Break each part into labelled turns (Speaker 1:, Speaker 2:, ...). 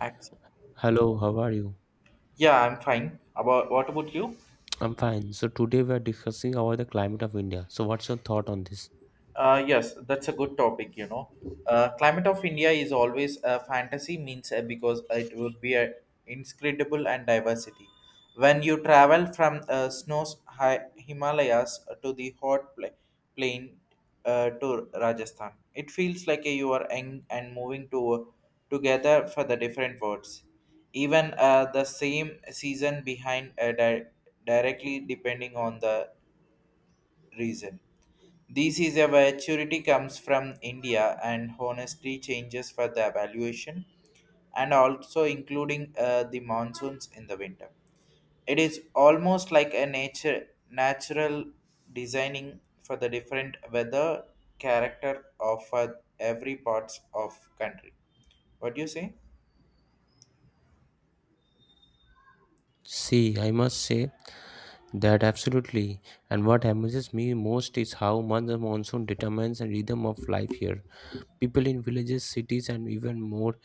Speaker 1: Accept.
Speaker 2: Hello, how are you?
Speaker 1: Yeah, I'm fine. About what about you?
Speaker 2: I'm fine. So today we are discussing about the climate of India. So what's your thought on this?
Speaker 1: Yes, that's a good topic. Climate of India is always a fantasy means because it will be a inscrutable and diversity. When you travel from snows high Himalayas to the plain to Rajasthan, it feels like you are young and moving to together for the different worlds. Even the same season behind directly depending on the reason. This is a maturity comes from India and honestly changes for the evaluation and also including the monsoons in the winter. It is almost like a nature natural designing for the different weather character of every parts of country. What do you say?
Speaker 2: See, I must say that absolutely. And what amazes me most is how much the monsoon determines the rhythm of life here. People in villages, cities, and even more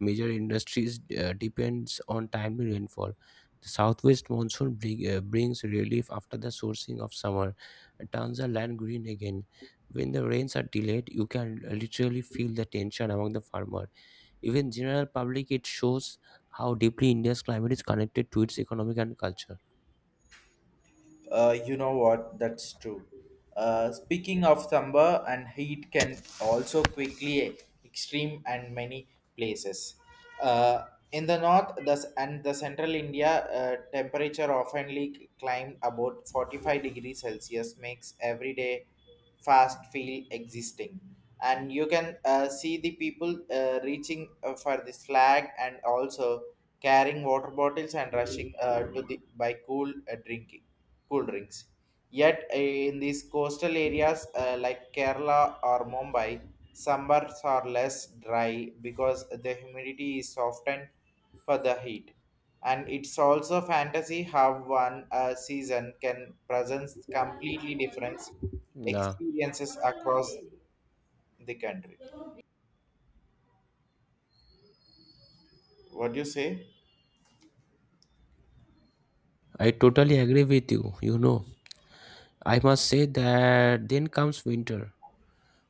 Speaker 2: major industries depends on timely rainfall. The southwest monsoon brings relief after the sourcing of summer, and turns the land green again. When the rains are delayed, you can literally feel the tension among the farmer. Even general public, it shows how deeply India's climate is connected to its economic and culture.
Speaker 1: You know what? That's true. Speaking of thunder and heat can also quickly extreme and many places. Uh, in the north thus and the central India, temperature often climbed about 45 degrees Celsius makes every day fast feel existing and you can see the people reaching for the flag and also carrying water bottles and rushing to the by cool drinking cool drinks. Yet, in these coastal areas like Kerala or Mumbai, summers are less dry because the humidity is softened for the heat. And it's also fantasy how one season can present completely different
Speaker 2: Nah,
Speaker 1: experiences across the country. What do you say?
Speaker 2: I totally agree with you. You know, I must say that then comes winter.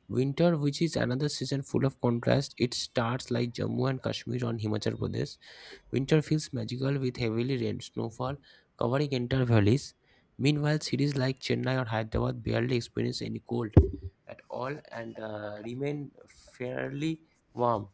Speaker 2: Winter, which is another season full of contrast, it starts like Jammu and Kashmir on Himachal Pradesh. Winter feels magical with heavily rain snowfall covering entire valleys. Meanwhile, cities like Chennai or Hyderabad barely experience any cold at all and remain fairly warm.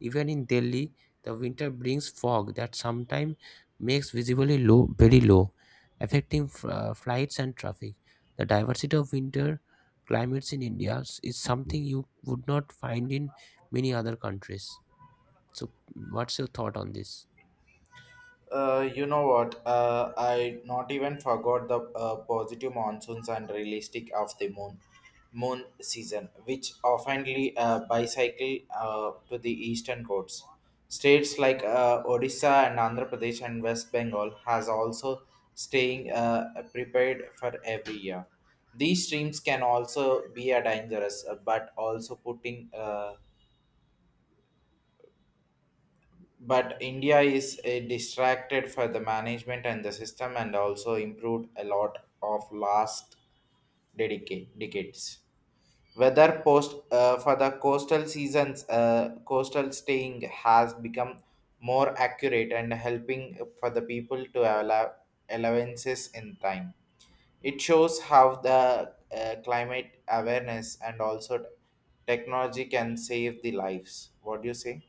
Speaker 2: Even in Delhi, the winter brings fog that sometimes makes visibly low, very low, affecting flights and traffic. The diversity of winter climates in is something you would not find in many other countries. So, what's your thought on this?
Speaker 1: You know what? I not even forgot the positive monsoons and realistic of the moon season, which oftenly bicycle to the eastern coasts. States like Odisha and Andhra Pradesh and West Bengal has also staying prepared for every year. These streams can also be a dangerous, but also putting but india is a distracted for the management and the system and also improved a lot of last dedicate decades weather post for the coastal staying has become more accurate and helping for the people to allowances in time. It shows how the climate awareness and also technology can save the lives. What do you say?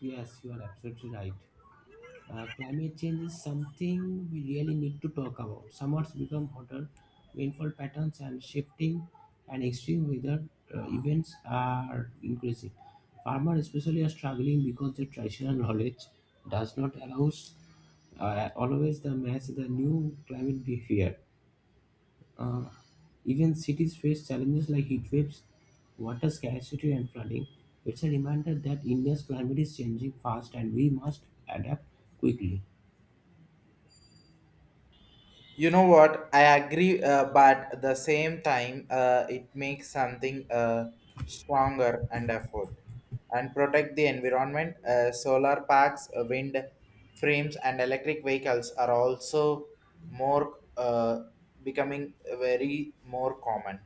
Speaker 2: Yes, you are absolutely right. Climate change is something we really need to talk about. Summers become hotter, rainfall patterns and shifting, and extreme weather events are increasing. Farmers, especially, are struggling because their traditional knowledge does not allow always the match the new climate behavior. Uh, even cities face challenges like heat waves, water scarcity, and flooding. It's a reminder that India's climate is changing fast and we must adapt quickly.
Speaker 1: You know what? I agree, but at the same time, it makes something stronger and effort and protect the environment. Solar packs, wind frames, and electric vehicles are also more becoming very more common.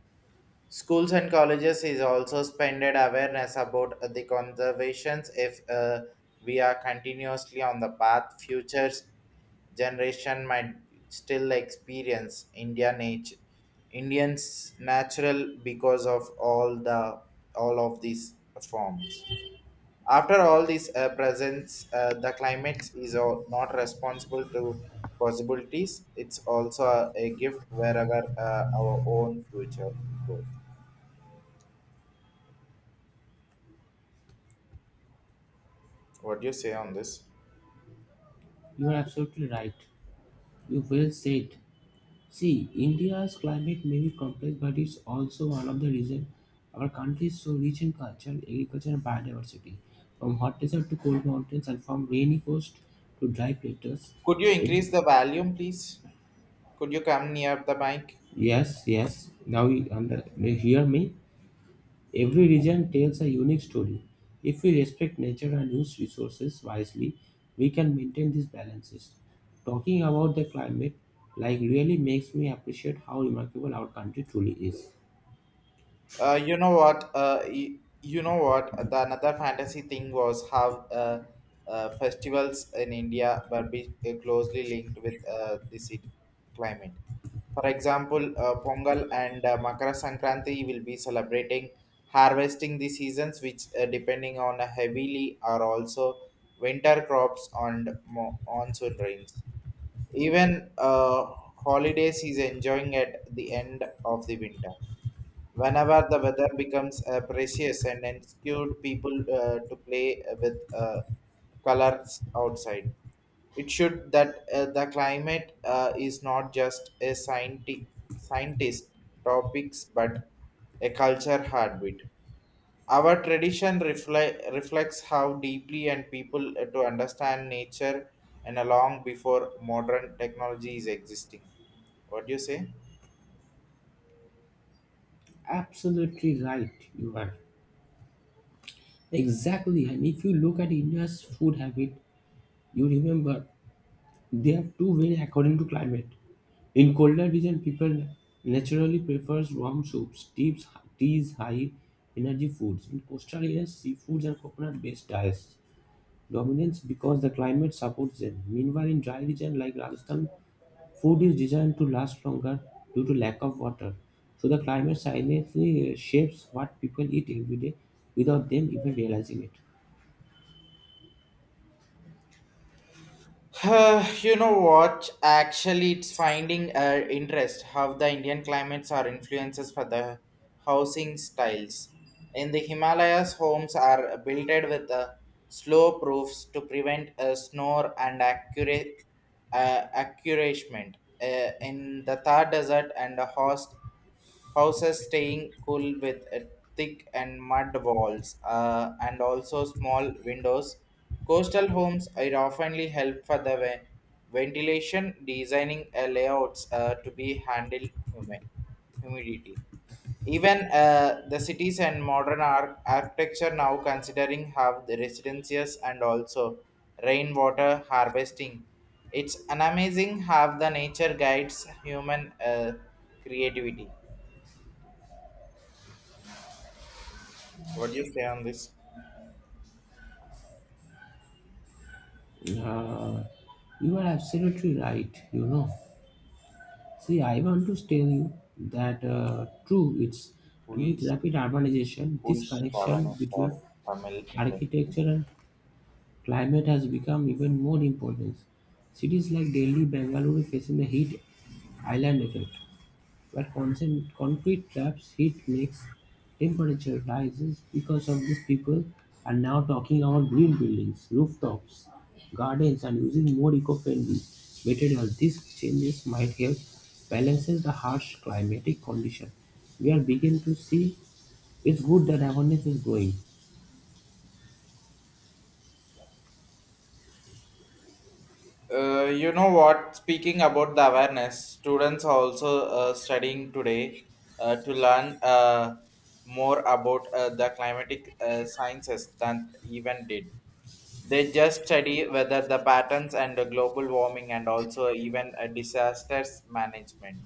Speaker 1: Schools and colleges is also spended awareness about the conservations. If we are continuously on the path, future generation might still experience Indians natural because of all of these forms. After all this presence, the climate is all not responsible to possibilities. It's also a gift wherever our own future goes. What do you say on this?
Speaker 2: You are absolutely right. You well said. See, India's climate may be complex, but it's also one of the reasons our country is so rich in culture, agriculture, and biodiversity. From hot desert to cold mountains, and from rainy coast to dry plateaus.
Speaker 1: Could you increase the volume, please? Could you come near the mic?
Speaker 2: Yes, yes. Now you under, you hear me. Every region tells a unique story. If we respect nature and use resources wisely, we can maintain these balances. Talking about the climate like really makes me appreciate how remarkable our country truly is.
Speaker 1: You know what? Y- you know what? The another fantasy thing was how festivals in India were be, closely linked with the city climate. For example, Pongal and Makara Sankranti will be celebrating harvesting the seasons, which depending on heavily are also winter crops and monsoon rains. Even holidays is enjoying at the end of the winter. Whenever the weather becomes precious and ensured people to play with colors outside. It should that the climate is not just a scientist topics but a culture heartbeat. Our tradition reflects how deeply and people to understand nature and along before modern technology is existing. What do you say?
Speaker 2: Absolutely right, you are. Exactly, and if you look at India's food habit, you remember they have two ways according to climate. In colder region, people naturally prefers warm soups, teas, high energy foods. In coastal areas, seafoods and coconut-based diets dominance because the climate supports them. Meanwhile, in dry region like Rajasthan, food is designed to last longer due to lack of water. So the climate silently shapes what people eat every day without them even realizing it.
Speaker 1: You know what? Actually, it's finding interest how the Indian climates are influences for the housing styles. In the Himalayas, homes are built with slow proofs to prevent snore and accurate accuracement. In the Thar Desert and the host houses staying cool with thick and mud walls and also small windows. Coastal homes are oftenly help for the ventilation, designing layouts to be handle human humidity. Even the cities and modern architecture now considering have the residences and also rainwater harvesting. It's an amazing how the nature guides human creativity. What do you say on this?
Speaker 2: Uh, you are absolutely right. You know. See, I want to tell you that true, it's
Speaker 1: who
Speaker 2: and with
Speaker 1: is
Speaker 2: rapid urbanization,
Speaker 1: who
Speaker 2: this
Speaker 1: is
Speaker 2: connection
Speaker 1: Shravan for
Speaker 2: between
Speaker 1: Tamil industry.
Speaker 2: architecture and climate has become even more important. Cities like Delhi, Bangalore facing the heat island effect, where concrete traps heat makes temperature rises because of this people are now talking about green buildings, rooftops, gardens and using more eco-friendly materials. These changes might help balances the harsh climatic condition. We are beginning to see it's good that awareness is growing.
Speaker 1: You know what? Speaking about the awareness, students are also studying today to learn more about the climatic sciences than even did. They just study whether the patterns and the global warming and also even disasters management.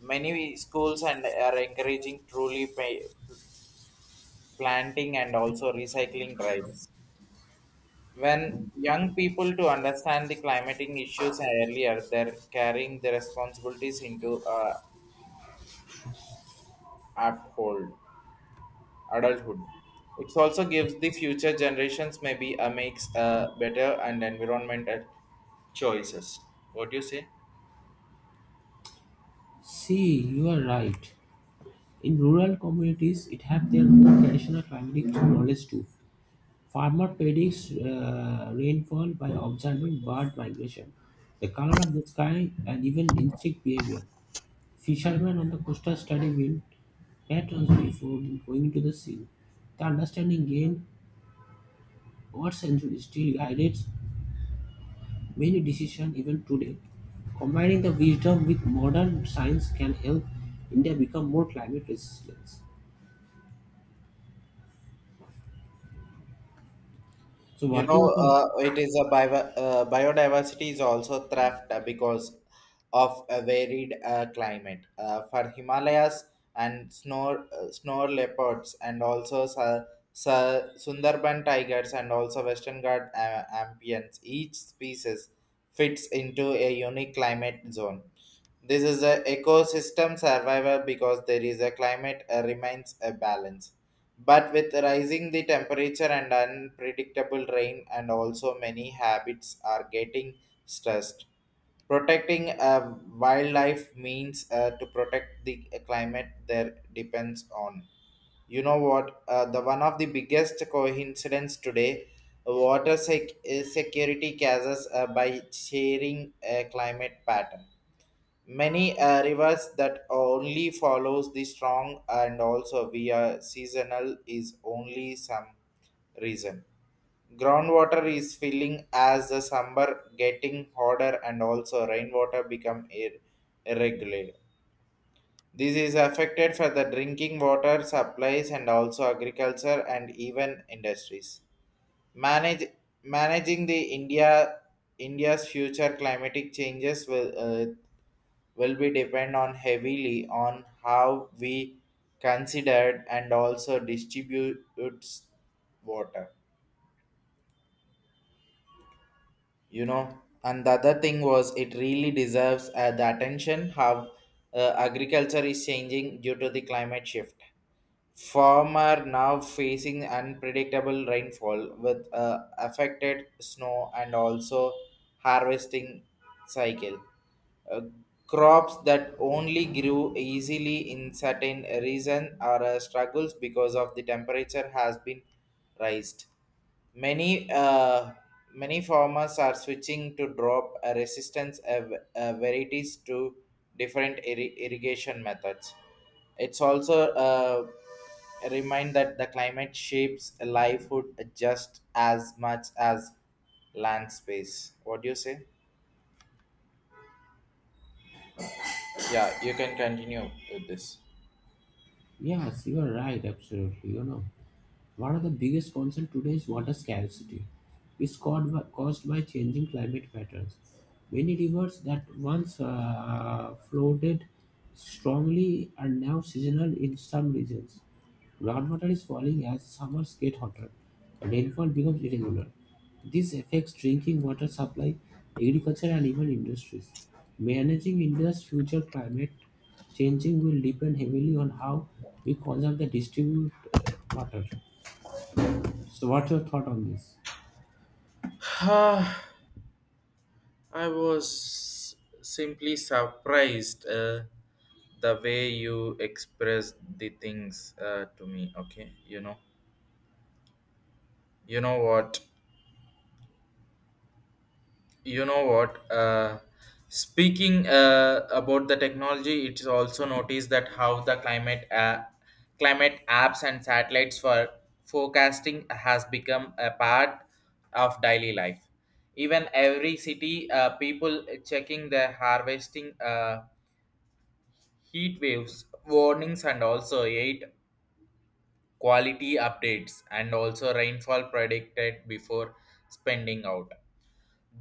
Speaker 1: Many schools and are encouraging truly planting and also recycling drives. When young people to understand the climate issues earlier, they're carrying the responsibilities into uphold adulthood. It also gives the future generations maybe a makes a better and environmental choices. What do you say?
Speaker 2: See, you are right. In rural communities, it have their own traditional climatic knowledge too. Farmer predicts rainfall by observing bird migration, the color of the sky, and even insect behavior. Fishermen on the coastal study wind patterns before going to the sea. The understanding gained over centuries still guides many decisions even today. Combining the wisdom with modern science can help India become more climate resilient. So,
Speaker 1: You
Speaker 2: what do you
Speaker 1: know,
Speaker 2: think?
Speaker 1: it is a biodiversity is also threat because of a varied climate. For Himalayas and snow leopards, and also sa sa Sundarban tigers, and also Western Ghats ampions. Each species fits into a unique climate zone. This is a ecosystem survival because there is a climate remains a balance. But with rising the temperature and unpredictable rain, and also many habits are getting stressed. Protecting wildlife means to protect the climate there depends on. You know what? The one of the biggest coincidence today, security causes by sharing a climate pattern. Many rivers that only follows the strong and also via seasonal is only some reason. Groundwater is filling as the summer getting hotter and also rainwater become irregular. This is affected for the drinking water supplies and also agriculture and even industries. Manage Managing the India's future climatic changes will be depend on heavily on how we considered and also distributes water. You know, and the other thing was it really deserves the attention how agriculture is changing due to the climate shift. Farmer now facing unpredictable rainfall with affected snow and also harvesting cycle. Uh, Crops that only grew easily in certain region are struggles because of the temperature has been raised. Many uh, Many farmers are switching to drop resistance varieties to different irrigation methods. It's also a reminder that the climate shapes livelihood just as much as land space. What do you say? Yeah, you can continue with this.
Speaker 2: Yes, you are right, absolutely. You know. One of the biggest concerns today is water scarcity. It's caused by changing climate patterns. Many rivers that once floated strongly are now seasonal in some regions. Groundwater is falling as summers get hotter. And rainfall becomes irregular. This affects drinking water supply, agriculture, and even industries. Managing India's future climate changing will depend heavily on how we conserve and distribute water. So, what's your thought on this?
Speaker 1: Ah, I was simply surprised the way you expressed the things to me. Okay, you know what, you know what. Speaking about the technology, it is also noticed that how the climate apps and satellites for forecasting has become a part of daily life. Even every city, people checking their harvesting. Heat waves warnings and also eight quality updates and also rainfall predicted before spending out.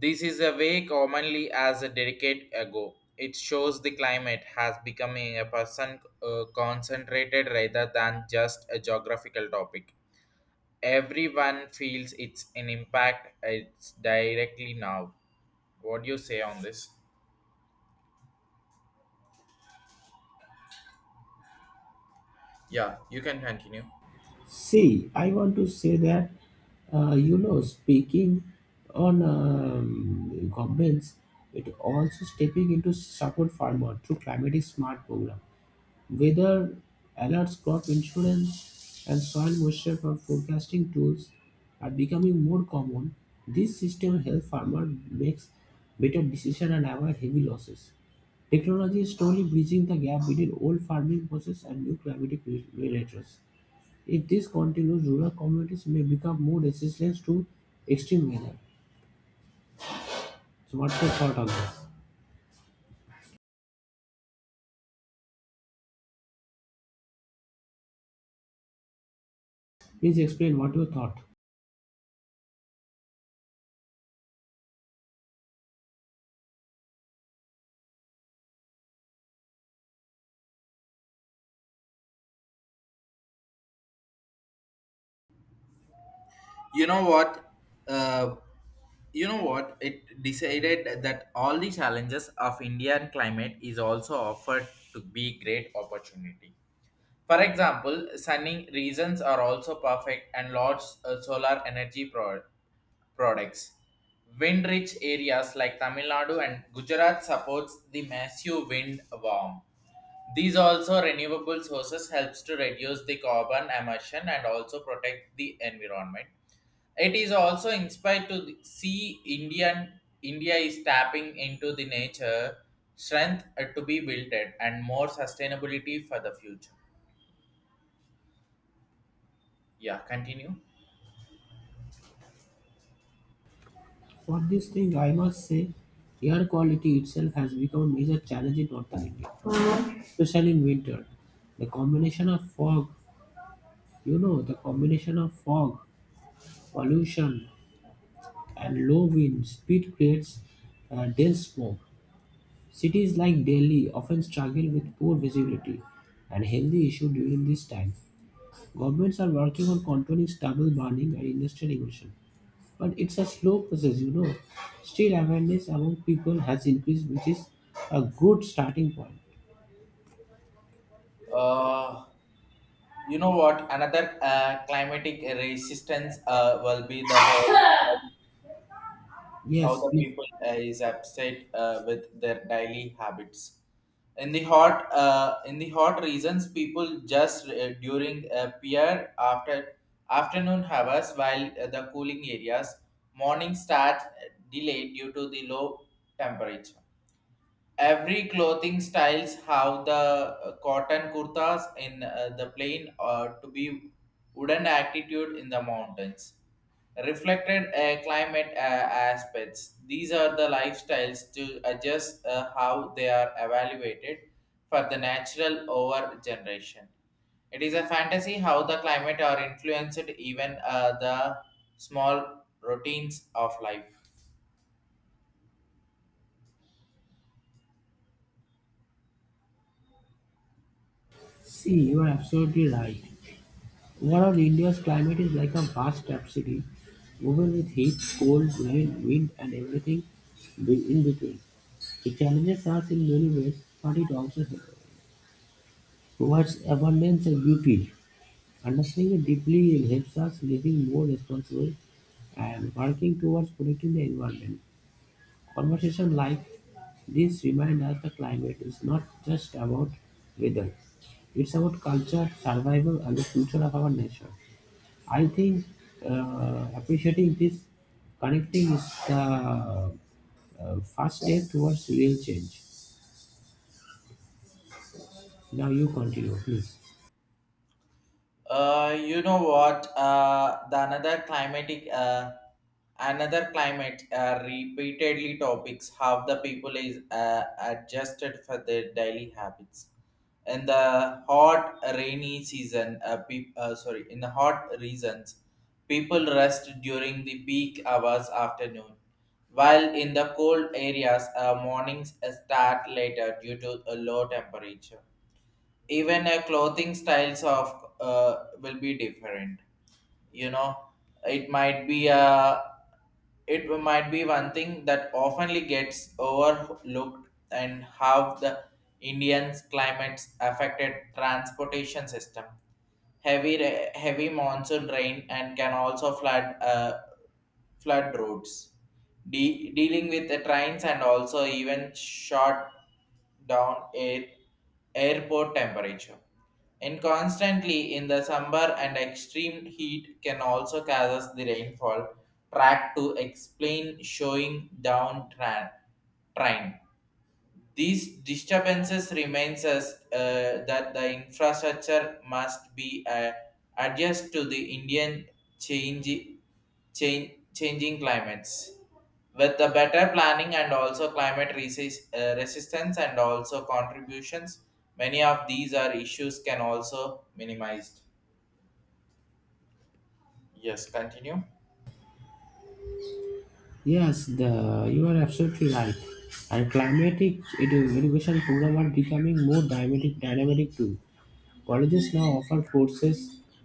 Speaker 1: This is a way commonly as a decade ago. It shows the climate has becoming a person concentrated rather than just a geographical topic. Everyone feels its an impact, it's directly now. What do you say on this? Yeah, you can continue.
Speaker 2: See, I want to say that you know, speaking on governments, it also stepping into support farmer through climate is smart program. Weather alerts, crop insurance, and soil moisture for forecasting tools are becoming more common. This system helps farmers make better decisions and avoid heavy losses. Technology is slowly bridging the gap between old farming process and new climatic variables. If this continues, rural communities may become more resistant to extreme weather. So, what's your thought on this? Please explain what you thought.
Speaker 1: You know what uh, you know what it decided that all the challenges of indian climate is also offered to be great opportunity. For example, sunning regions are also perfect and large solar energy products. Wind rich areas like tamil nadu and gujarat supports the massive wind warm. These also renewable sources helps to reduce the carbon emission and also protect the environment. It is also inspired to see India is tapping into the nature strength to be built at and more sustainability for the future. Yeah, continue.
Speaker 2: For this thing I must say air quality itself has become a major challenge in northern India, especially in winter. The combination of fog, you know, the combination of fog, pollution, and low wind speed creates dense smoke. Cities like Delhi often struggle with poor visibility and healthy issue during this time. Governments are working on controlling stubble burning and industrial emission. But it's a slow process, you know. Still, awareness among people has increased, which is a good starting point.
Speaker 1: Uh, you know what? Another climatic resistance will be that all. How
Speaker 2: Yes,
Speaker 1: the
Speaker 2: please.
Speaker 1: people is upset with their daily habits. In the hot regions, people just during peer after afternoon hours, while the cooling areas morning start delayed due to the low temperature. Every clothing styles have the cotton kurtas in the plain or to be wooden attitude in the mountains reflected climate aspects. These are the lifestyles to adjust how they are evaluated for the natural over generation. It is a fantasy how the climate are influenced even the small routines of life.
Speaker 2: See, you are absolutely right. One of India's climate is like a vast tapestry, woven with heat, cold, rain, wind, and everything in between. It challenges us in many ways, but it also provides abundance and beauty. Understanding it deeply it helps us living more responsible and working towards protecting the environment. Conversation like this reminds us the climate is not just about weather; it's about culture, survival, and the future of our nation. I think appreciating this connecting is the first step towards real change. Now you continue, please.
Speaker 1: You know what? The another climate, repeatedly topics how the people is adjusted for their daily habits. In the hot rainy season, in the hot reasons, people rest during the peak hours afternoon, while in the cold areas, mornings start later due to a low temperature, even a clothing styles of will be different, you know, it might be a, it might be one thing that oftenly gets overlooked and how the indians climates affected transportation system. Heavy monsoon rain and can also flood flood routes, dealing with the trains and also even short down airport temperature. And constantly in the summer and extreme heat can also causes the rainfall. Track to explain showing down train. These disturbances remains us that the infrastructure must be adjusted to the Indian change, changing climates. With the better planning and also climate resistance and also contributions, many of these are issues can also minimized. Yes, continue.
Speaker 2: Yes, the you are absolutely right. And climatic it irrigation program are becoming more dynamic too. Colleges now offer courses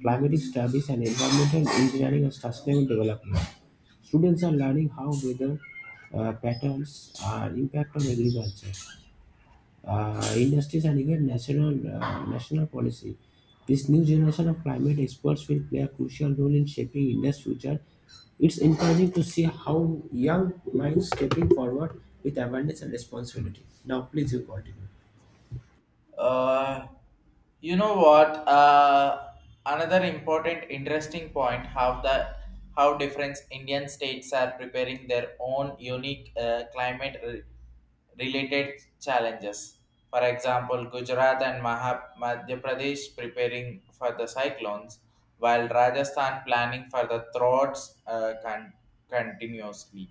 Speaker 2: Climate Studies and Environmental Engineering and Sustainable Development. Students are learning how weather patterns are impact on agriculture, industries, and even national policy. This new generation of climate experts will play a crucial role in shaping India's future. It's encouraging to see how young minds stepping forward with awareness and responsibility. Now, please you continue.
Speaker 1: Uh, You know what? Another important, interesting point: how the, how different Indian states are preparing their own unique climate related challenges. For example, Gujarat and Madhya Pradesh preparing for the cyclones, while Rajasthan planning for the droughts continuously.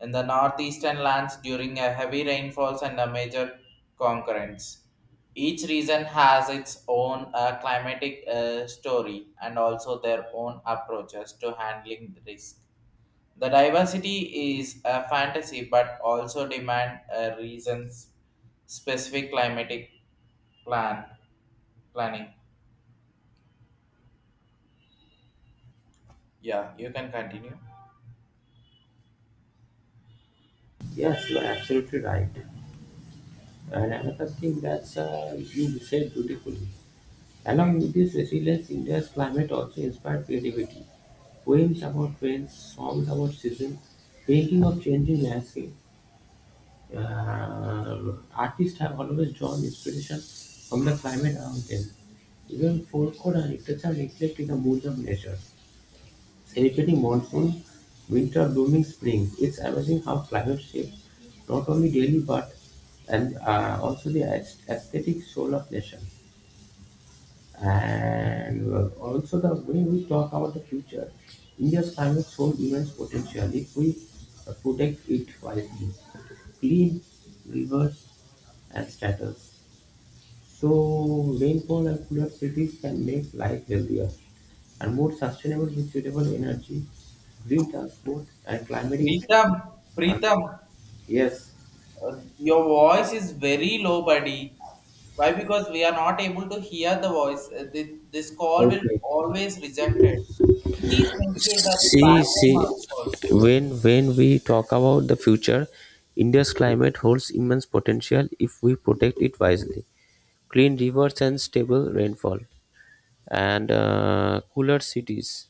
Speaker 1: In the northeastern lands, during a heavy rainfalls and a major concurrence, each region has its own climatic story and also their own approaches to handling the risk. The diversity is a fantasy, but also demand a reasons specific climatic plan planning. Yeah, you can continue.
Speaker 2: Yes, you are absolutely right. And another thing that's you said beautifully. Along with this resilience, India's climate also inspired creativity. Poems about rain, songs about season, painting of changing landscape. Artists have always drawn inspiration from the climate around them. Even folklore and literature reflect in the moods of nature celebrating monsoon, winter blooming spring. It's amazing how climate shapes not only daily but and also the aesthetic soul of nation. And also the way we talk about the future, India's climate soul immense potential if we protect it wisely. Clean rivers and status. So rainfall and cooler cities can make life healthier and more sustainable with suitable energy, green transport and climatic
Speaker 1: Pritam,
Speaker 2: and yes.
Speaker 1: Your voice is very low, buddy. Why? Because we are not able to hear the voice. This call will
Speaker 2: Okay.
Speaker 1: always rejected. Please make sure that
Speaker 2: See,
Speaker 1: background
Speaker 2: see,
Speaker 1: marks also.
Speaker 2: when we talk about the future, India's climate holds immense potential if we protect it wisely. Clean rivers and stable rainfall, and cooler cities.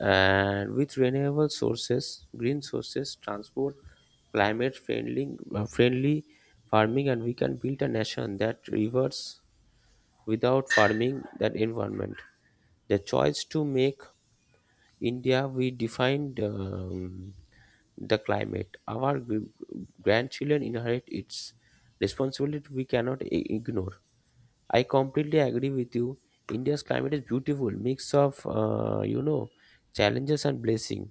Speaker 2: And with renewable sources green sources transport climate friendly friendly farming and we can build a nation that reverts without farming that environment, the choice to make india we defined the climate our grandchildren inherit its responsibility we cannot ignore. I completely agree with you. India's climate is beautiful mix of you know challenges and blessing,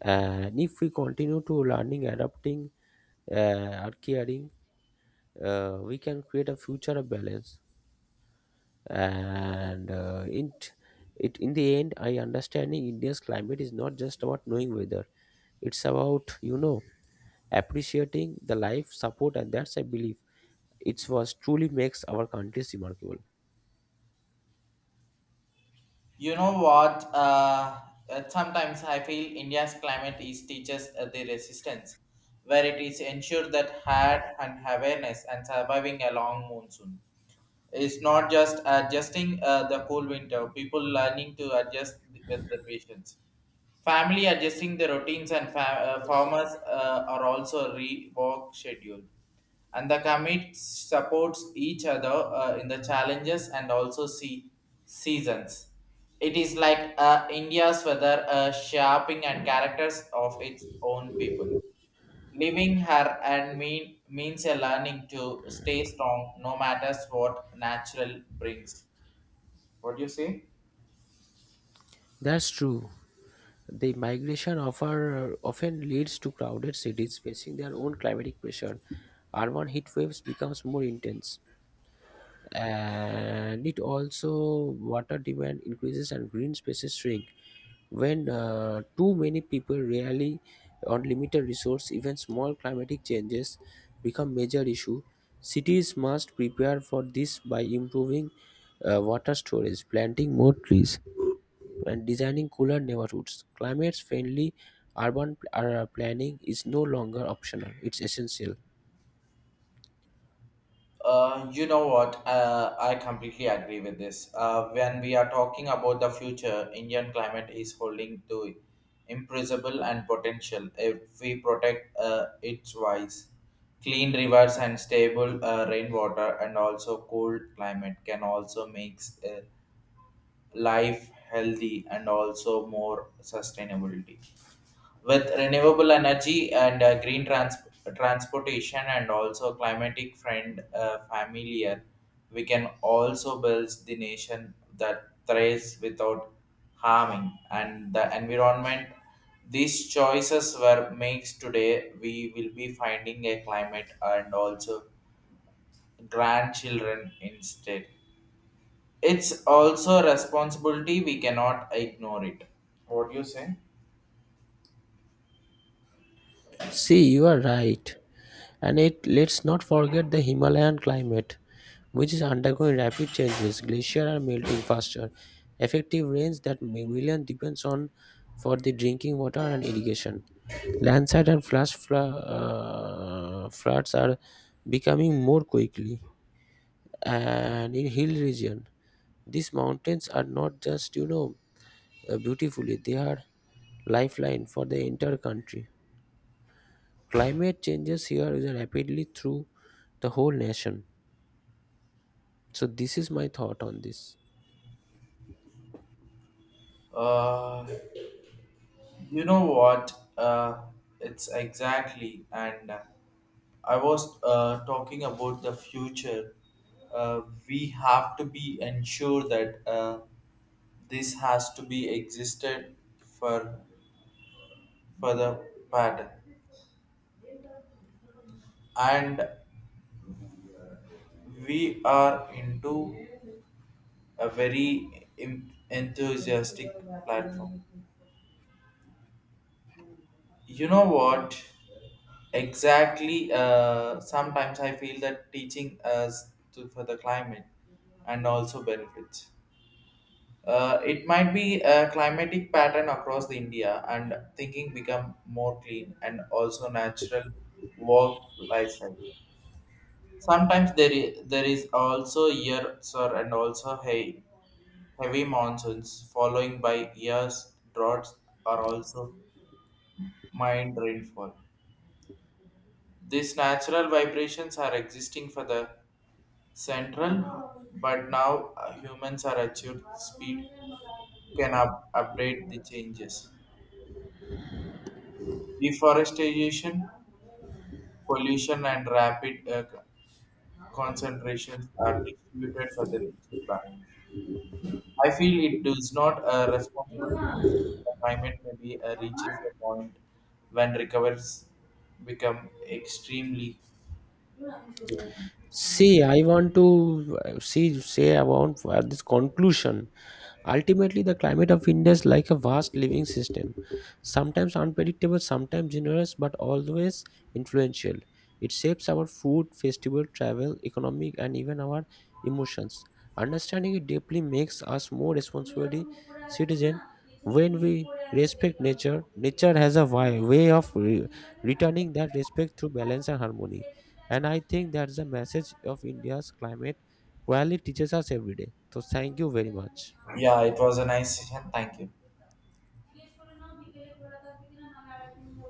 Speaker 2: and if we continue to learning adapting or caring, we can create a future of balance and it it in the end I understanding india's climate is not just about knowing weather, it's about you know appreciating the life support and that's I believe it was truly makes our country remarkable.
Speaker 1: You know what? Sometimes I feel India's climate is teaches the resistance, where it is ensured that had and awareness and surviving a long monsoon. It's not just adjusting the cool winter, people learning to adjust with the patience. Family adjusting the routines and farmers are also rework schedule, and the commit supports each other in the challenges and also see seasons. It is like India's weather shaping and characters of its own people. Living her and mean means a learning to stay strong no matter what natural brings. What do you say?
Speaker 2: That's true. The migration offer often leads to crowded cities facing their own climatic pressure. Urban heat waves becomes more intense, and it also water demand increases and green spaces shrink. When too many people rely on limited resource, even small climatic changes become major issue. Cities must prepare for this by improving water storage, planting more trees, and designing cooler neighborhoods. Climate-friendly urban planning is no longer optional; it's essential.
Speaker 1: You know what? I completely agree with this. When we are talking about the future, Indian climate is holding to imprisonable and potential if we protect its wise. Clean rivers and stable rainwater and also cold climate can also makes life healthy and also more sustainability with renewable energy and transportation and also climatic friend familiar, we can also build the nation that thrives without harming and the environment. These choices were makes today we will be finding a climate and also grandchildren instead. It's also a responsibility we cannot ignore it. What do you say?
Speaker 2: See, you are right, and it let's not forget the Himalayan climate, which is undergoing rapid changes. Glaciers are melting faster. Effective rains that million depends on for the drinking water and irrigation. Landslide and flash floods are becoming more quickly. And in hill region these mountains are not just you know beautifully they are lifeline for the entire country. Climate changes here is rapidly through the whole nation. So this is my thought on this.
Speaker 1: uh You know what? It's exactly, and I was talking about the future. Uh, we have to be ensure that this has to be existed for the pattern, and we are into a very enthusiastic platform. You know what? Exactly. Sometimes I feel that teaching us to, for the climate and also benefits. It might be a climatic pattern across the India and thinking become more clean and also natural work lifestyle. Sometimes there is also years sir and also hay heavy monsoons following by years droughts are also mind rainfall. These natural vibrations are existing for the central, but now humans are at your speed can update the changes. Deforestation, pollution, and rapid concentrations are distributed for the nature balance. I feel it does not a responsibility. The climate maybe reaches a point when recovers become extremely difficult.
Speaker 2: See, I want to see say about this conclusion. Ultimately, the climate of India is like a vast living system, sometimes unpredictable, sometimes generous, but always influential. It shapes our food, festival, travel, economic, and even our emotions. Understanding it deeply makes us more responsible citizen. When we respect nature, nature has a way of returning that respect through balance and harmony. And I think that's the message of India's climate quality teaches us every day. So thank you very much.
Speaker 1: Yeah, it was a nice session. Thank you.